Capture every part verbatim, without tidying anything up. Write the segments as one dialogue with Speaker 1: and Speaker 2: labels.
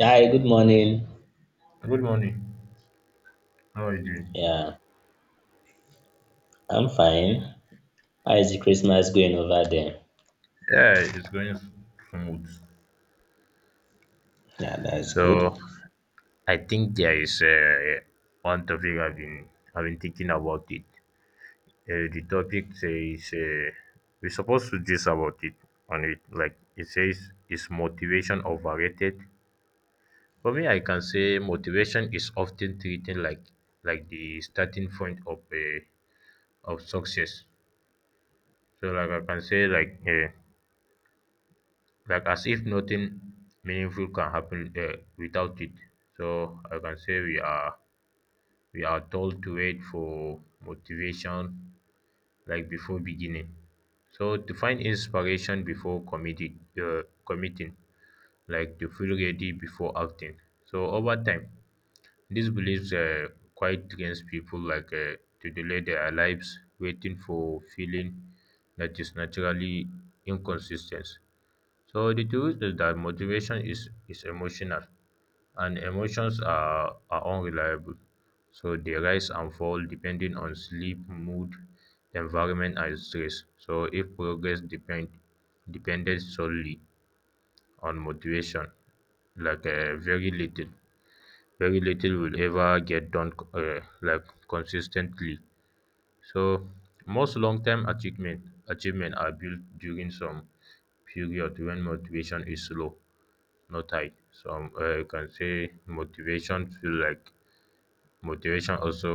Speaker 1: Hi, good morning.
Speaker 2: Good morning. How are you doing?
Speaker 1: Yeah, I'm fine. How is the Christmas going over there?
Speaker 2: Yeah, it's going smooth.
Speaker 1: Yeah, that's
Speaker 2: So
Speaker 1: good.
Speaker 2: I think there is uh, one topic I've been I've been thinking about it. Uh, the topic says uh, we're supposed to this about it on it. Like it says, is motivation overrated? For me, I can say motivation is often treated like like the starting point of uh, of success. So like I can say like. Uh, like as if nothing meaningful can happen uh, without it. So I can say we are we are told to wait for motivation like before beginning. So to find inspiration before committed, uh, committing, like to feel ready before acting. So over time, these beliefs uh, quite trains people like uh, to delay their lives, waiting for feeling that is naturally inconsistent. So the truth is that motivation is, is emotional and emotions are, are unreliable. So they rise and fall depending on sleep, mood, environment and stress. So if progress depend depended solely on motivation, like uh, very little, very little will ever get done uh, like consistently. So most long-term achievement achievement are built during some period when motivation is low. Not tie some uh, you can say motivation feel like motivation also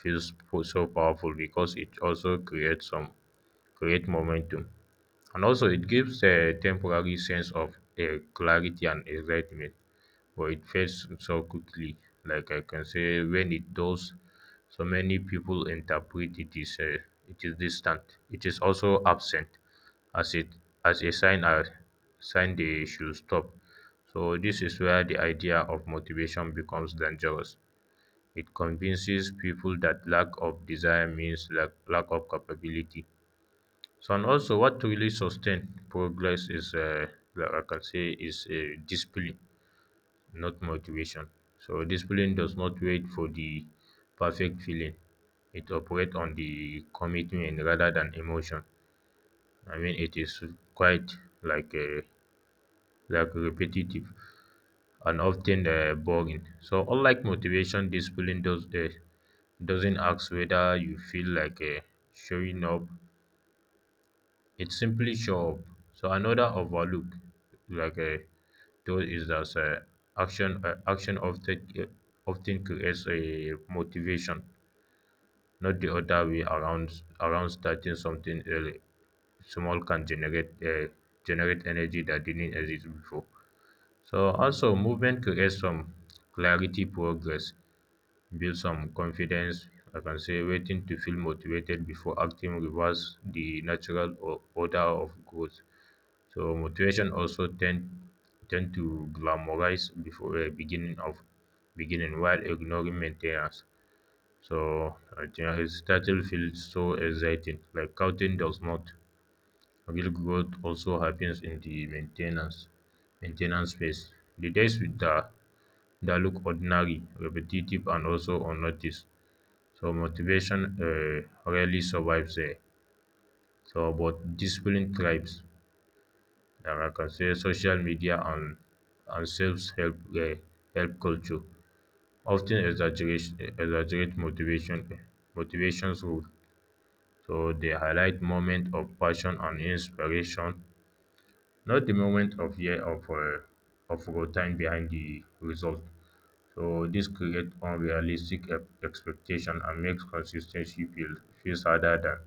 Speaker 2: feels po- so powerful because it also creates some create momentum and also it gives a temporary sense of uh, clarity and excitement but it fades so quickly. Like I can say, when it does, so many people interpret it is uh, it is distant. It is also absent, as it as a sign a sign they should stop. So this is where the idea of motivation becomes dangerous. It convinces people that lack of desire means lack, lack of capability. So and also, what really sustain progress is, uh, like I can say, is uh, discipline not motivation. So discipline does not wait for the perfect feeling. It operates on the commitment rather than emotion. I mean, it is quite like a like repetitive and often uh, boring. So unlike motivation, discipline does uh, doesn't ask whether you feel like uh, showing up, it simply show up. So another overlook like a tool is that uh, action uh, action often uh, often creates a motivation, not the other way around. Around starting something early, small can generate uh, generate energy that didn't exist before. So also movement creates some clarity, progress, build some confidence. I can say waiting to feel motivated before acting reverse the natural o- order of growth. So motivation also tend tend to glamorize before uh, beginning of beginning while ignoring maintenance. So uh, his title feels so exciting, like counting does not. Real growth also happens in the maintenance maintenance phase. The days with the that look ordinary, repetitive, and also unnoticed. So motivation uh, rarely survives there. So, but discipline thrives. um I consider social media and and self-help um help culture often exaggerate exaggerate motivation motivations role. So they highlight moment of passion and inspiration, not the moment of year of um of raw time behind the result. So this creates unrealistic ex- expectation and makes consistency ten feel feels harder than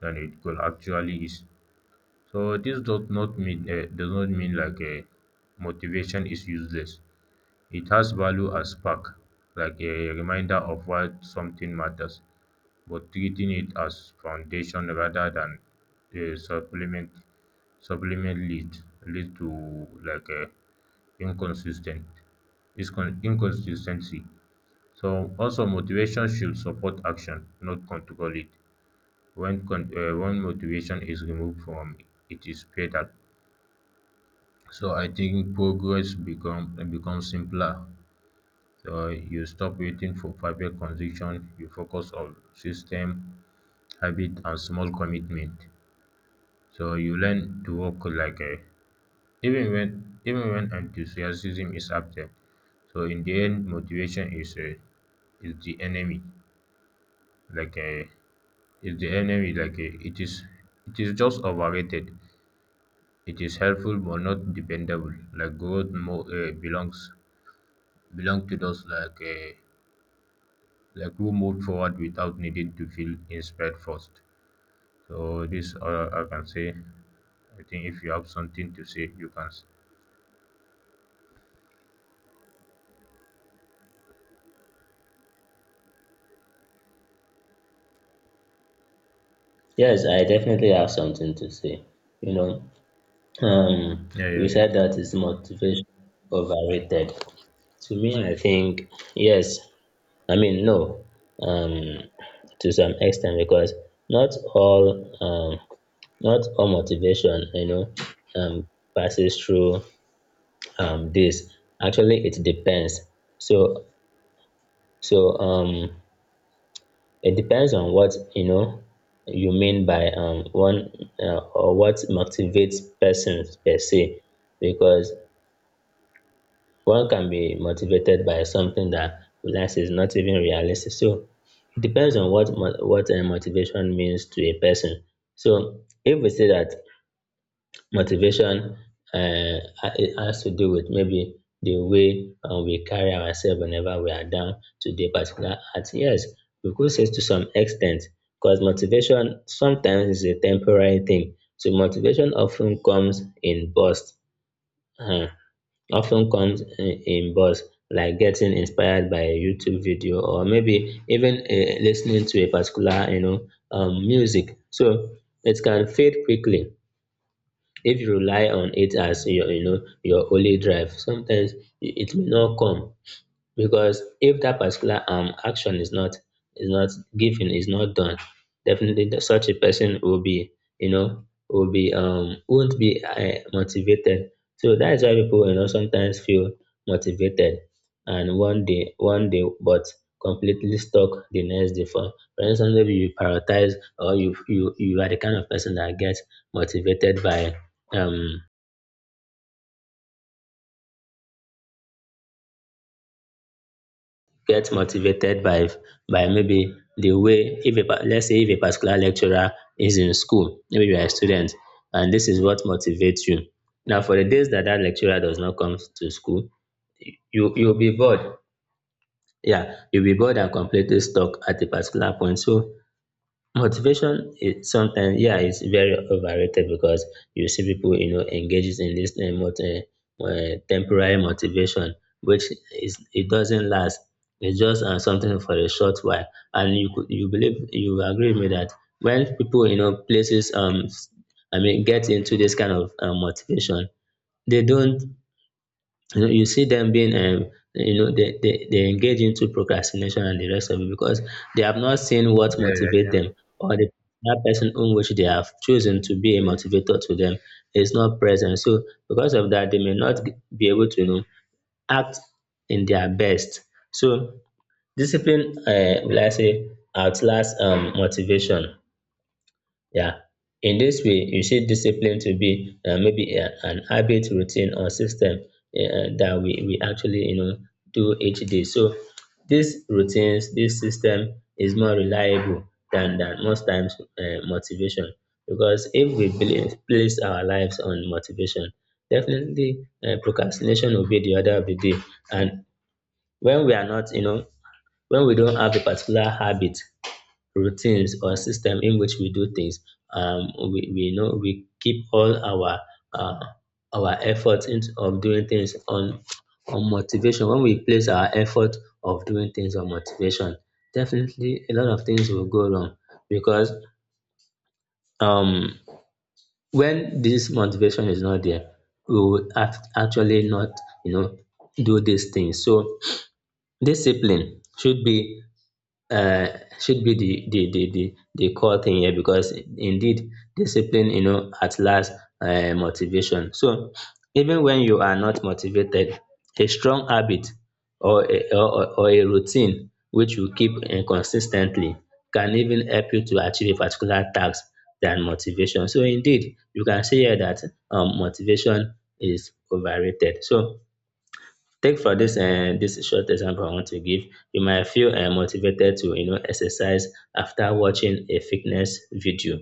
Speaker 2: than it could actually is. So this does not mean uh, does not mean like a motivation is useless. It has value as spark, like a reminder of why something matters, but treating it as foundation rather than a supplement supplement lead lead to like a inconsistent is con- inconsistency. So also motivation should support action, not control it. When con- uh, when motivation is removed from it, it is fatal. So I think progress become becomes simpler. So you stop waiting for perfect condition. You focus on system, habit, and small commitment. So you learn to work like a even when even when enthusiasm is absent. So in the end, motivation is a is the enemy. Like a Is the enemy. Like a, it is it is just overrated. It is helpful but not dependable. Like growth more uh, belongs belong to those like uh, like who moved forward without needing to feel inspired first. So this uh, I can say, I think if you have something to say, you can. s-
Speaker 1: Yes, I definitely have something to say. You know, um,
Speaker 2: Yeah, yeah,
Speaker 1: we
Speaker 2: yeah,
Speaker 1: said that is motivation overrated. To me, I think yes. I mean, no. Um, to some extent, because not all, um, not all motivation, you know, um, passes through um this. Actually, it depends. So So um, it depends on what you know you mean by um, one, uh, or what motivates persons per se, because one can be motivated by something that realize is not even realistic. So it depends on what mo- what uh, motivation means to a person. So if we say that motivation, uh, it has to do with maybe the way um we carry ourselves whenever we are down to the particular act. Yes, we could say to some extent because motivation sometimes is a temporary thing. So motivation often comes in bursts. um Often comes in in bursts like getting inspired by a YouTube video or maybe even um lis to a particular you know um music. So it can fade quickly if you rely on it as your you know your only drive. Sometimes it may not come because if that particular um action is not, is not given, is not done. Definitely the, such a person will be, you know will be um won't be, uh, motivated. So that is why people, you know sometimes feel motivated and one day, one day but completely stuck the next day. For for instance, maybe you prioritize, or you you you are the kind of person that gets motivated by um get motivated by by maybe the way, if a pa- let's say if a particular lecturer is in school. Maybe you are a student, and this is what motivates you. Now, for the days that that lecturer does not come to school, you you'll be bored. Yeah, you'll be bored and completely stuck at a particular point. So motivation is sometimes, yeah, it's very overrated, because you see people, you know, engages in this uh, moti- uh, uh, temporary motivation, which is it doesn't last. It's just uh, something for a short while, and you could you believe you agree with me that when people, you know, places, um, I mean, get into this kind of uh, motivation, they don't. You know, you see them being, um, you know, they, they, they engage into procrastination and the rest of it, because they have not seen what
Speaker 2: yeah, yeah, yeah,
Speaker 1: motivate
Speaker 2: yeah.
Speaker 1: them, or the that person on which they have chosen to be a motivator to them is not present. So because of that, they may not g- be able to, you know, act in their best. So discipline, uh, will I say, outlasts um, motivation. Yeah. In this way, you see discipline to be, uh, maybe a, an habit, routine, or system uh, uh, that we, we actually, you know do each day. So these routines, this system is more reliable than than most times, uh, motivation. Because if we believe, place our lives on motivation, definitely uh, procrastination will be the order of the day. And when we are not, you know, when we don't have a particular habit, routines or system in which we do things. Um, we, we know we keep all our uh, our effort into of doing things on on motivation. When we place our effort of doing things on motivation, definitely a lot of things will go wrong, because um, when this motivation is not there, we will act, actually not, you know do these things. So discipline should be, uh, should be the, the, the, the, the core thing here, because indeed discipline, you know, at last, uh, motivation. So even when you are not motivated, a strong habit, or a, or, or or a routine which you keep uh, consistently, can even help you to achieve a particular task than motivation. So indeed, you can say here that, um, motivation is overrated. So take, for this um dis short example I want to give, you might feel um motivated to, you know exercise after watching a fitness video,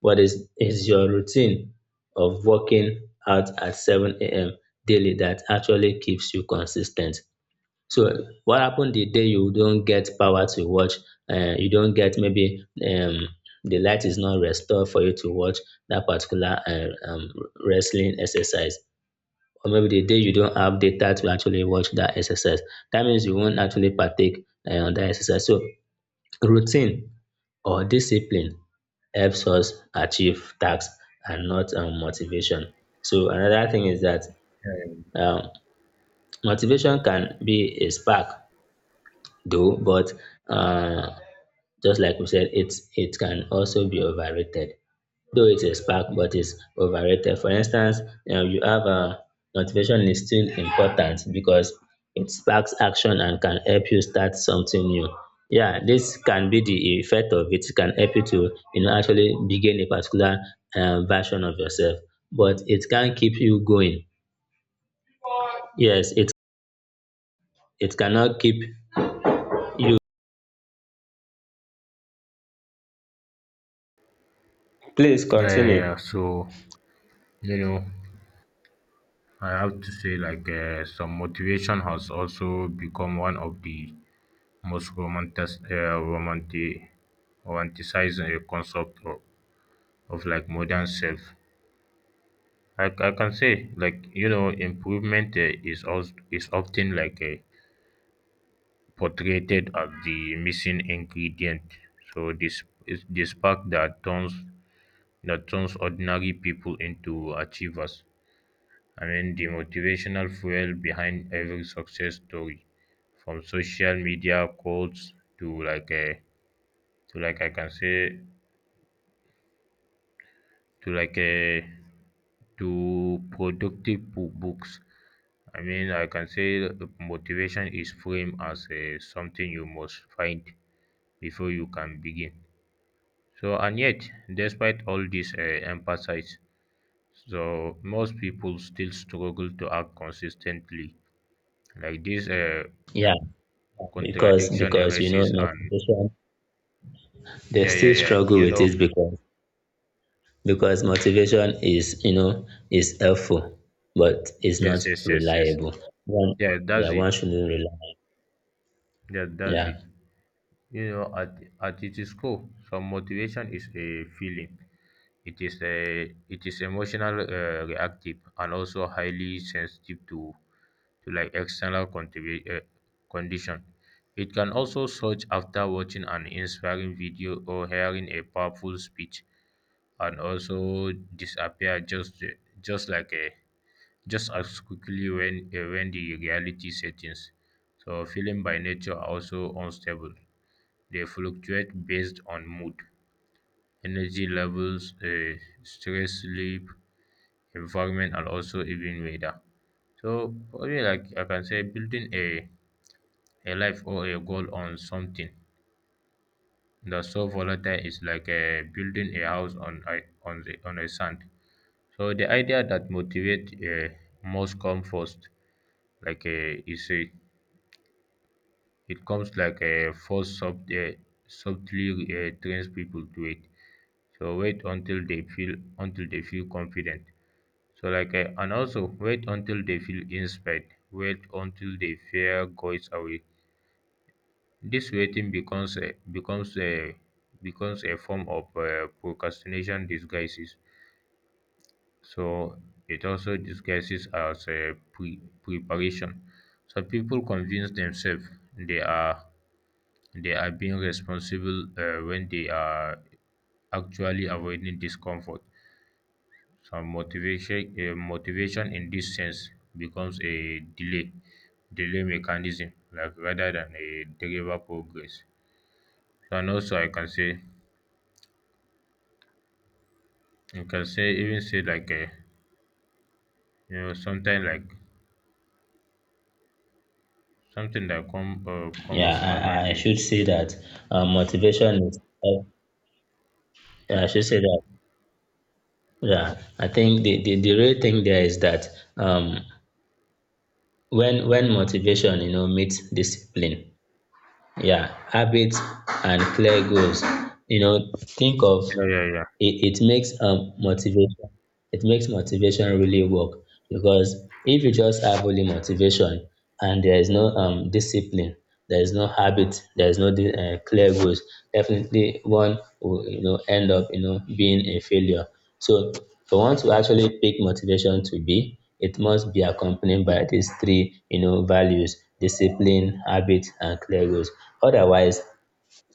Speaker 1: but is is your routine of working out at seven a m daily that actually keeps you consistent? So what happen the day you don't get power to watch, um you don't get, maybe, um the light is not restored for you to watch that particular uh, um wrestling exercise, or maybe the day you don't have data to actually watch that exercise. That means you won't actually partake, uh, on that exercise. So routine or discipline helps us achieve tasks, and not, um, motivation. So another thing is that, um, motivation can be a spark though, but, uh, just like we said, it's it can also be overrated. Though it's a spark, but it's overrated. For instance, you know, you have a motivation is still important because it sparks action and can help you start something new. Yeah, this can be the effect of it. It can help you to, you know actually begin a particular, um, version of yourself, but it can keep you going. Yes, it it cannot keep you. Please
Speaker 2: yeah,
Speaker 1: continue.
Speaker 2: yeah. So you know, I have to say like uh, some motivation has also become one of the most romantic, uh, romantic, romanticized uh, concept of, of like modern self. I, I can say like you know improvement uh, is also is often like a portrayed as the missing ingredient, so this is the spark that turns that turns ordinary people into achievers. I mean, the motivational fuel behind every success story, from social media quotes to like a to like I can say to like a to productive bo- books. I mean, I can say motivation is framed as a, something you must find before you can begin. So, and yet, despite all this uh, emphasis, so most people still struggle to act consistently. Like this uh,
Speaker 1: Yeah, because
Speaker 2: Contradiction
Speaker 1: because you know
Speaker 2: arises, and
Speaker 1: motivation, they
Speaker 2: yeah, yeah,
Speaker 1: still
Speaker 2: yeah.
Speaker 1: struggle
Speaker 2: You
Speaker 1: with
Speaker 2: know,
Speaker 1: it. because because motivation is, you know is helpful but it's not
Speaker 2: yes, yes, yes, yes.
Speaker 1: reliable. One
Speaker 2: Yeah,
Speaker 1: Yeah,
Speaker 2: that's it.
Speaker 1: one shouldn't rely.
Speaker 2: Yeah, that's it.
Speaker 1: Yeah
Speaker 2: You know, at at its core, some motivation is a feeling. It is a it is emotional, uh, reactive, and also highly sensitive to to like external contribu- uh, condition. It can also search after watching an inspiring video or hearing a powerful speech, and also disappear just just like a just as quickly when uh, when the reality settings. So feeling by nature are also unstable. They fluctuate based on mood, energy levels, uh, stress, sleep, environment and also even weather. So probably like I can say building a, a life or a goal on something that's so volatile is like a building a house on a, on the on a sand. So the idea that motivate uh, must come first, like uh, is a, it comes like a force sub, uh, subtly uh, trains people to it. So wait until they feel until they feel confident, so like eh, and also wait until they feel inspired, wait until they fear goes away. This waiting becomes a becomes a becomes a form of uh, procrastination disguises, so it also disguises as a pre- preparation. So people convince themselves they are they are being responsible uh, when they are actually avoiding discomfort. Some motivation um motivation in this sense becomes a delay delay mechanism like rather than a driver progress. So, and also I can say, I can say even say like um you know something like something that come um
Speaker 1: yeah.
Speaker 2: comes to my mind
Speaker 1: i, I
Speaker 2: is
Speaker 1: should say that, uh, motivation is help- yeah, I should say that yeah, I think the, the the real thing there is that, um when when motivation, you know meets discipline, yeah, habits, and clear goals, you know think of
Speaker 2: yeah, yeah, yeah,
Speaker 1: it, it makes um motivation it makes motivation really work, because if you just have only motivation, and there is no um discipline, there is no habit, there is no di- uh, clear goals, definitely one will, you know end up, you know being a failure. So for one to actually pick motivation to be, it must be accompanied by these three, you know values: discipline, habit, and clear goals. Otherwise,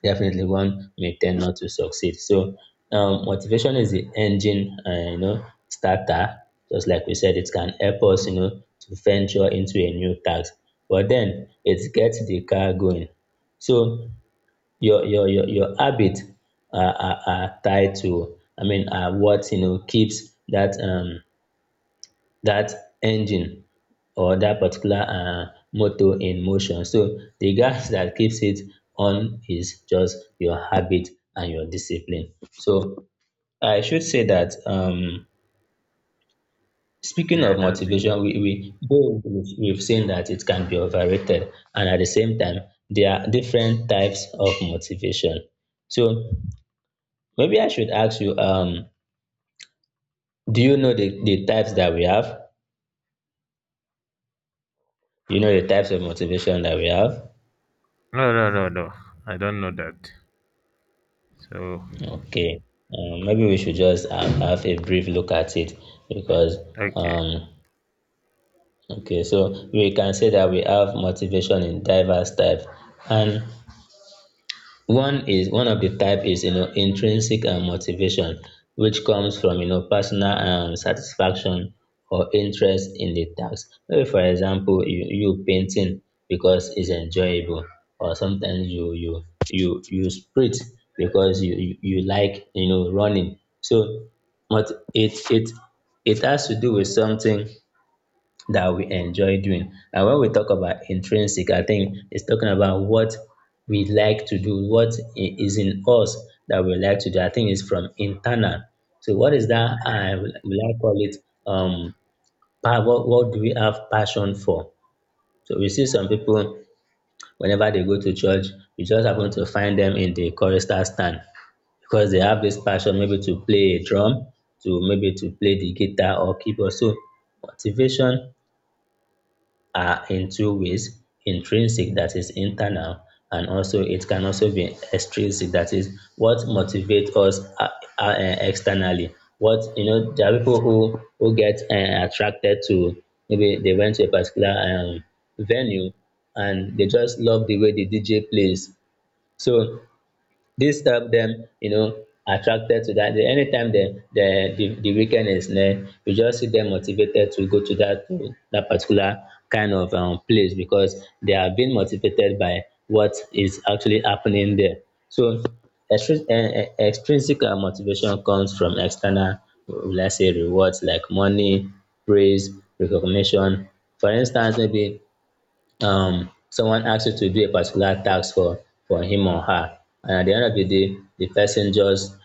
Speaker 1: definitely, one may tend not to succeed. So, um, motivation is the engine, uh, you know, starter. Just like we said, it can help us, you know, to venture into a new task. But then it gets the car going. So your your your your habit are, are, are tied to, I mean, are what, you know keeps that, um that engine, or that particular, uh, motor in motion. So the gas that keeps it on is just your habit and your discipline. So I should say that, um, speaking
Speaker 2: yeah,
Speaker 1: of
Speaker 2: that's it.
Speaker 1: motivation, we, we though we've we've seen that it can be overrated, and at the same time, there are different types of motivation. So maybe I should ask you, um, do you know the, the types that we have? You know the types of motivation that we have?
Speaker 2: No, no, no, no, I don't know that. So
Speaker 1: Okay, um, maybe we should just have, have a brief look at it, because,
Speaker 2: okay.
Speaker 1: um, okay, so we can say that we have motivation in diverse types, and one is one of the type is, you know intrinsic um motivation, which comes from, you know personal um satisfaction or interest in the task. Maybe for example, you you painting because it's enjoyable, or sometimes you you you you sprint because you you, you like, you know running. So but it it it has to do with something that we enjoy doing. And when we talk about intrinsic, I think it's talking about what we like to do, what i- is in us that we like to do. I think it's from internal. So what is that? I will will I call it um pa- What, what do we have passion for? So we see some people, whenever they go to church, you just happen to find them in the chorister stand, because they have this passion, maybe to play a drum, to maybe to play the guitar or keyboard. So motivation are in two ways: intrinsic, that is internal, and also it can also be extrinsic, that is what motivates us, uh, uh, uh, externally. What You know, there are people who who get, uh, attracted to, maybe they went to a particular, um, venue, and they just love the way the D J plays. So this help them, you know, attracted to that. They- Anytime the the the, the weekend is near, you just see them motivated to go to that to that particular kind of, um, place, because they are being motivated by what is actually happening there. So extrin- eh, eh, extrinsic, uh, motivation comes from external, let's say, rewards like money, praise, recognition. For instance, maybe um someone asks you to do a particular task for for him or her, and at the end of the day the person just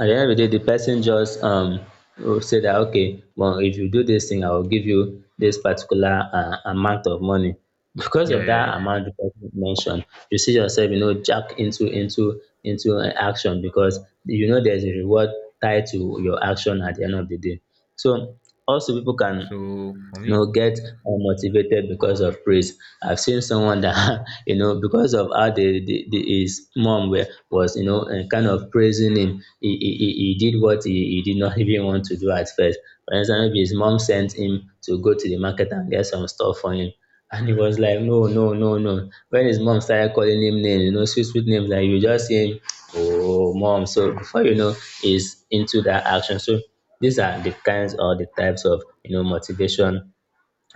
Speaker 1: at the end of the day the person just um will say that, okay, well, if you do this thing, I will give you this particular uh, amount of money. Because
Speaker 2: Yeah,
Speaker 1: of
Speaker 2: yeah,
Speaker 1: that
Speaker 2: yeah.
Speaker 1: amount the person mentioned, you see yourself, you know, jack into into into an action because, you know, there's a reward tied to your action at the end of the day. So also people can,
Speaker 2: So for
Speaker 1: you
Speaker 2: me,
Speaker 1: know, get unmotivated because of praise. I've seen someone that you know, because of how the, the, the his mom were, was, you know, and kind of praising him, he, he, he he did what he, he did not even want to do at first. For instance, maybe his mom sent him to go to the market and get some stuff for him, and he was like, no, no, no, no. When his mom started calling him names, you know, sweet sweet names, like, you just see him, oh mom, so before you know, he's into that action. So these are the kinds or the types of, you know, motivation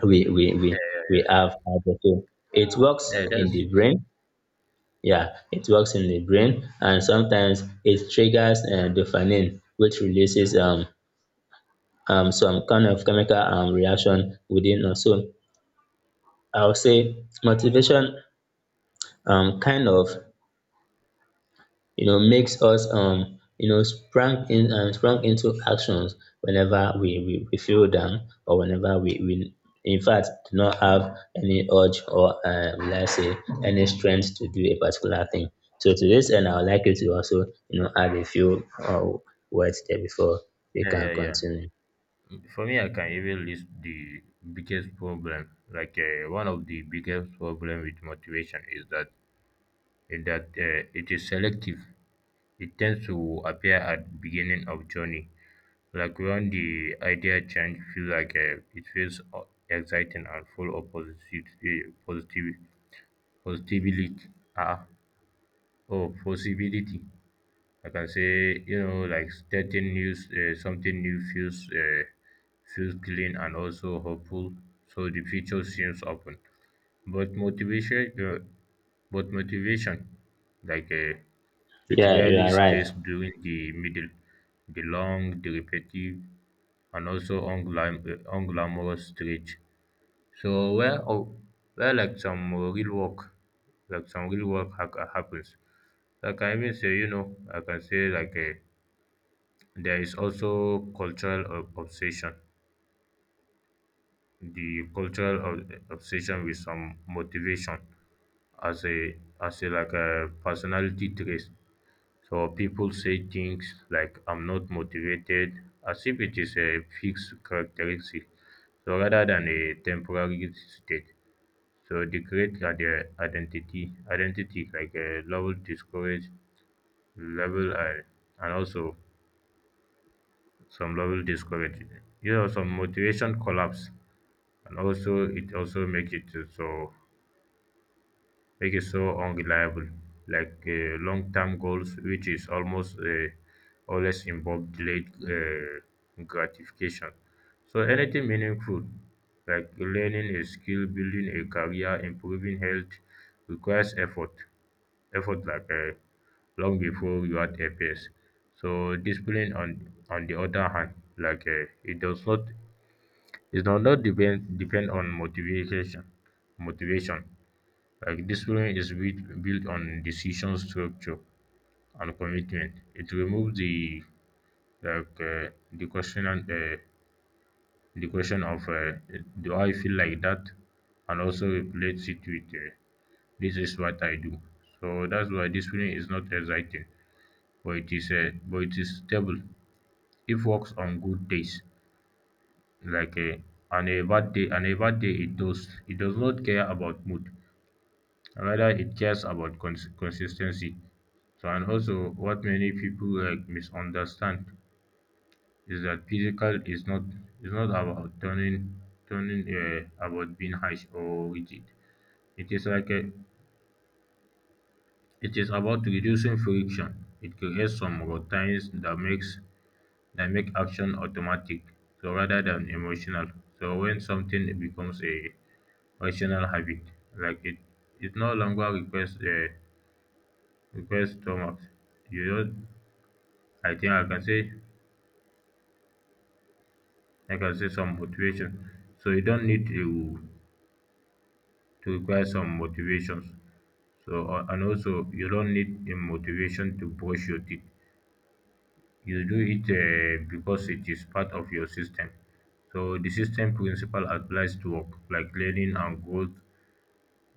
Speaker 1: we we we we have. Other, so it works
Speaker 2: yeah, that's
Speaker 1: in the
Speaker 2: it.
Speaker 1: brain. Yeah, it works in the brain, and sometimes it triggers uh, dopamine, which releases um um some kind of chemical um reaction within us. So I would say motivation um kind of, you know, makes us um you know, sprang in and sprang into actions whenever we we, we feel down, or whenever we, we in fact do not have any urge or uh, let's say any strength to do a particular thing. So to this end, I would like you to also, you know, add a few uh, words there before we
Speaker 2: Yeah,
Speaker 1: can
Speaker 2: yeah, yeah.
Speaker 1: continue.
Speaker 2: For me, I can even list the biggest problem. Like uh, one of the biggest problem with motivation is that is that uh, it is selective. It tends to appear at beginning of journey. Like when the idea change feel like uh, it feels uh, exciting and full of positive, uh, positive, positivity. Ah, oh, Possibility. I can say you know like starting news uh, something new feels uh, feels clean and also hopeful. So the future seems open, but motivation uh, but motivation like uh, it
Speaker 1: Yeah, you
Speaker 2: rarely
Speaker 1: are right.
Speaker 2: stays during the middle, the long, the repetitive, and also unglam- uh, unglamorous stretch. So where oh, where like some uh, real work, like some real work ha- happens. Like I can even say, you know, I can say like a there is also cultural ob- obsession. The cultural ob- obsession with some motivation as a as a like a personality trait. So people say things like I'm not motivated as if it is a fixed characteristic, so rather than a temporary state. So they create uh, their identity identity like a level discourage level uh, and also some level discourage. You know some motivation collapse and also it also make it to so make it so unreliable like uh, long-term goals, which is almost uh, always involve delayed uh, gratification. So anything meaningful like learning a skill, building a career, improving health requires effort, effort like uh, long before you are a pace. So discipline on on the other hand, like uh, it does not it does not depend depend on motivation motivation. Like discipline is built built on decision, structure, and commitment. It removes the like uh, the question and uh, the question of uh, do I feel like that, and also replace it with uh, this is what I do. So that's why discipline is not exciting, but it is uh, but it is stable. It works on good days, like uh, on a bad day. On a bad day, it does it does not care about mood. Another, it cares about cons- consistency. So and also what many people like misunderstand is that physical is not is not about turning turning uh, about being harsh or rigid. It is like a, it is about reducing friction. It creates some routines that makes that make action automatic, so rather than emotional. So when something becomes a rational habit, like it, it no longer requires uh, requires stomach. You don't I think I can say I can say some motivation. So you don't need to to require some motivations. So uh, and also you don't need a motivation to brush your teeth. You do it uh, because it is part of your system. So the system principle applies to work like learning and growth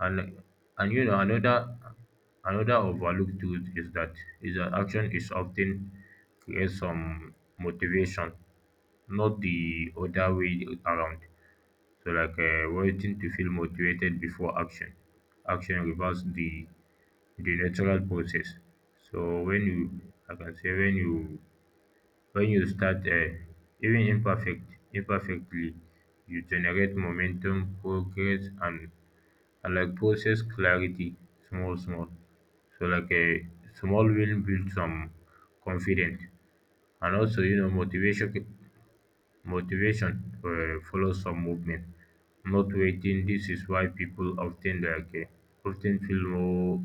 Speaker 2: and and you know another another overlooked truth is that is that action is often creates some motivation, not the other way around. So like uh, waiting to feel motivated before action. Action reverses the the natural process. So when you, like I can say when you When you start uh, even imperfect imperfectly, you generate momentum, progress, and, and like process clarity, small small. So like a small win builds some confidence, and also you know motivation motivation um follows some movement, not waiting. This is why people often like um Often feel more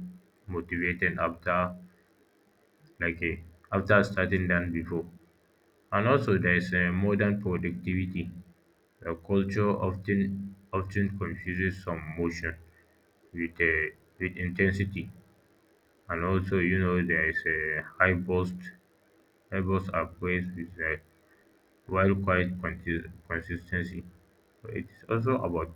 Speaker 2: motivated after like um after starting than before. And also there is um modern productivity. The culture often often confuses some motion with um with intensity. And also you know there is a high burst high burst are praised with um while quiet consis consistency. Ten it is also about.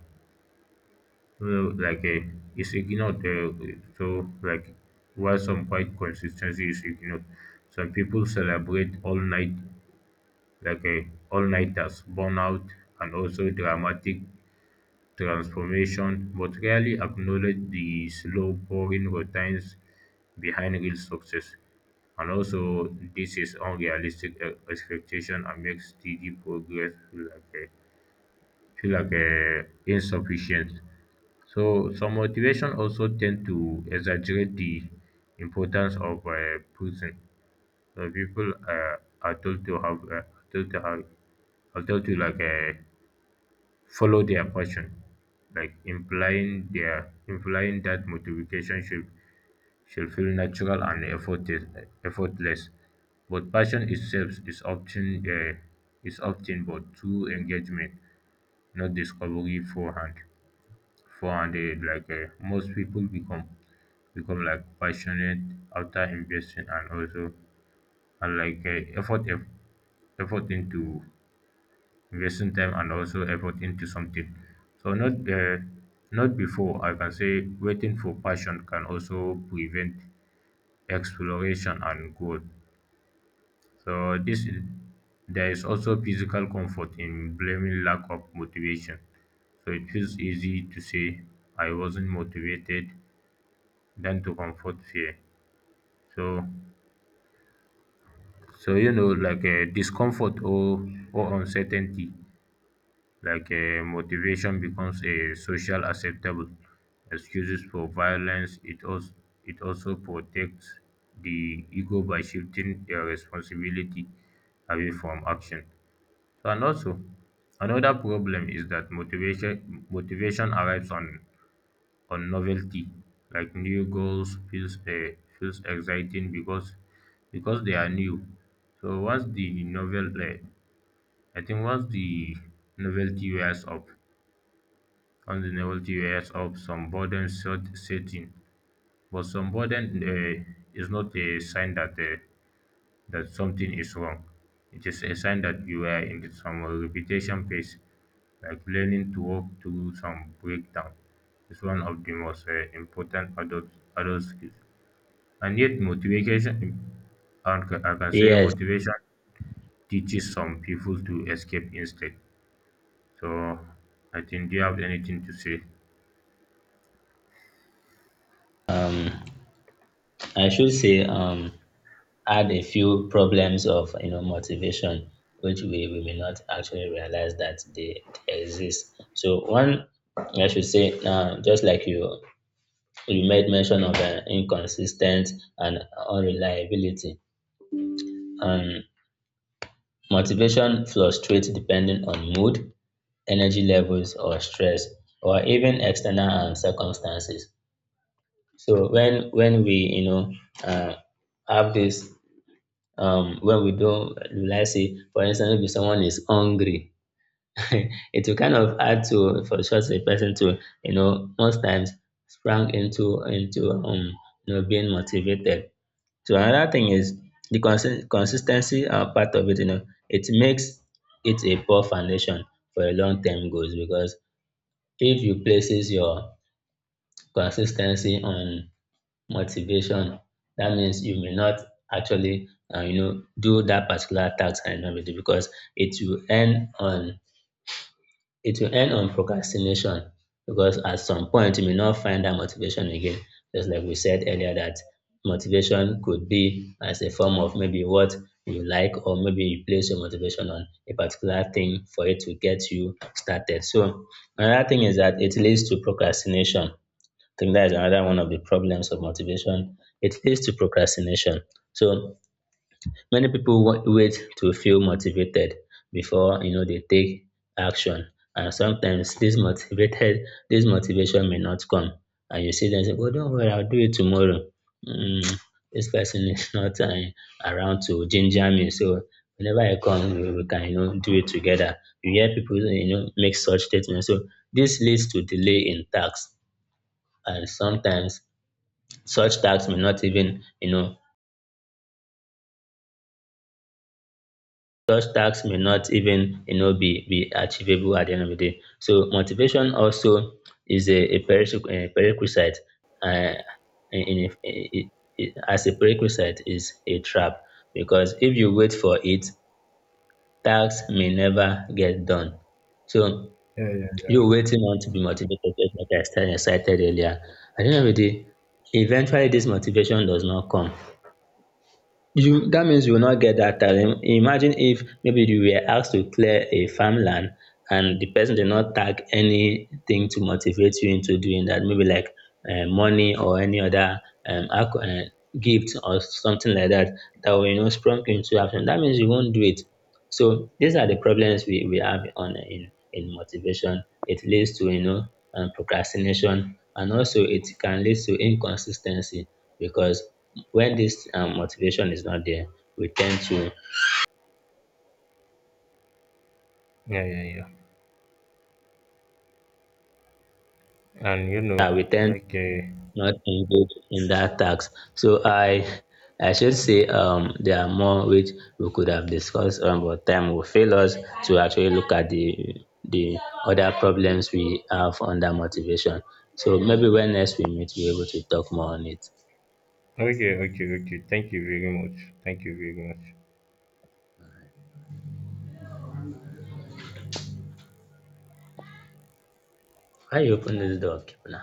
Speaker 2: So, like, uh, is ignored. Uh, so, like, while some quite consistency is ignored, some people celebrate all night, like, uh, all nighters, burnout, and also dramatic transformation, but rarely acknowledge the slow pouring routines behind real success. And also, this is unrealistic uh, expectation and makes steady progress like. Uh, feel like uh, insufficient. So some motivation also tend to exaggerate the importance of uh, prison. So people uh, are told to have uh, told to have are told to like uh, follow their passion, like implying their implying that motivation should should feel natural and effortless. Effortless. But passion itself is often uh, is often but true engagement, not discovery forehand for and eh, like eh, most people become become like passionate after investing and also and like eh, effort eff- effort into investing time and also effort into something, so not uh, not before. I can say waiting for passion can also prevent exploration and growth. So this is there is also physical comfort in blaming lack of motivation. So it feels easy to say I wasn't motivated than to comfort fear. So, so you know, like uh, discomfort or or uncertainty, like uh, motivation becomes a social acceptable excuses for violence. It also it also protects the ego by shifting their responsibility away from action. So, and also another problem is that motivation motivation arrives on on novelty, like new goals feels uh, feels exciting because because they are new. So once the novel uh, i think once the novelty wears off, once the novelty wears off some boredom set, set in. But some boredom uh, is not a sign that uh, that something is wrong. It is a sign that you are in some repetition phase, like learning to walk through some breakdown. It's one of the most uh, important adult, adult skills. And yet, motivation, and ca- I can say
Speaker 1: Yes,
Speaker 2: motivation teaches some people to escape instead. So, I think, do you have anything to say?
Speaker 1: um I should say, um add a few problems of, you know, motivation which we, we may not actually realize that they exist. So one, I should say, uh, just like you you made mention of uh, inconsistent and unreliability. um, motivation fluctuates depending on mood, energy levels, or stress, or even external um, circumstances. So when when we, you know, uh, have this, um, when we don't realize, say, for instance, if someone is hungry, it will kind of hard to, for such a person to, you know, most times, sprang into into um, you know, being motivated. So another thing is the consi- consistency uh, part of it. You know, it makes it a poor foundation for a long term goals, because if you places your consistency on motivation, that means you may not actually, uh, you know, do that particular task and everything, because it will end on it will end on procrastination, because at some point you may not find that motivation again. Just like we said earlier, that motivation could be as a form of maybe what you like, or maybe you place your motivation on a particular thing for it to get you started. So another thing is that it leads to procrastination. I think that is another one of the problems of motivation. It leads to procrastination. So many people wa- wait to feel motivated before, you know, they take action, and sometimes this motivated this motivation may not come, and you see them say, "Oh, don't worry, I'll do it tomorrow." Mm, this person is not uh, around to ginger me, so whenever I come, we, we can, you know, do it together. You hear people, you know, make such statements. So this leads to delay in tasks, and sometimes such tasks may not even you know such tasks may not even, you know, be be achievable at the end of the day. So motivation also is a, a pererequis- a prerequisite, uh, in, in, in, as a prerequisite, is a trap, because if you wait for it, tasks may never get done. So you waiting on to be motivated, just like I started excited earlier, at the end of the day, eventually this motivation does not come. You, that means you will not get that talent. Imagine if maybe you were asked to clear a farmland, and the person did not tag anything to motivate you into doing that, maybe like um, money, or any other um, alco- um, gift or something like that, that will, you know, sprung you into action. That means you won't do it. So these are the problems we, we have on, in in motivation. It leads to, you know, um, procrastination, and also it can lead to inconsistency, because when this um, motivation is not there, we tend to,
Speaker 2: Yeah, yeah, yeah. And you know,
Speaker 1: uh, we tend
Speaker 2: like,
Speaker 1: to
Speaker 2: uh,
Speaker 1: not engage in that task. So i i should say, um there are more which we could have discussed, um, but time will fail us to actually look at the the other problems we have under motivation. So maybe when next we meet, we're able to talk more on it.
Speaker 2: okay, okay, okay. Thank you very much. Thank you very much.
Speaker 1: Why you open this door, Kipna?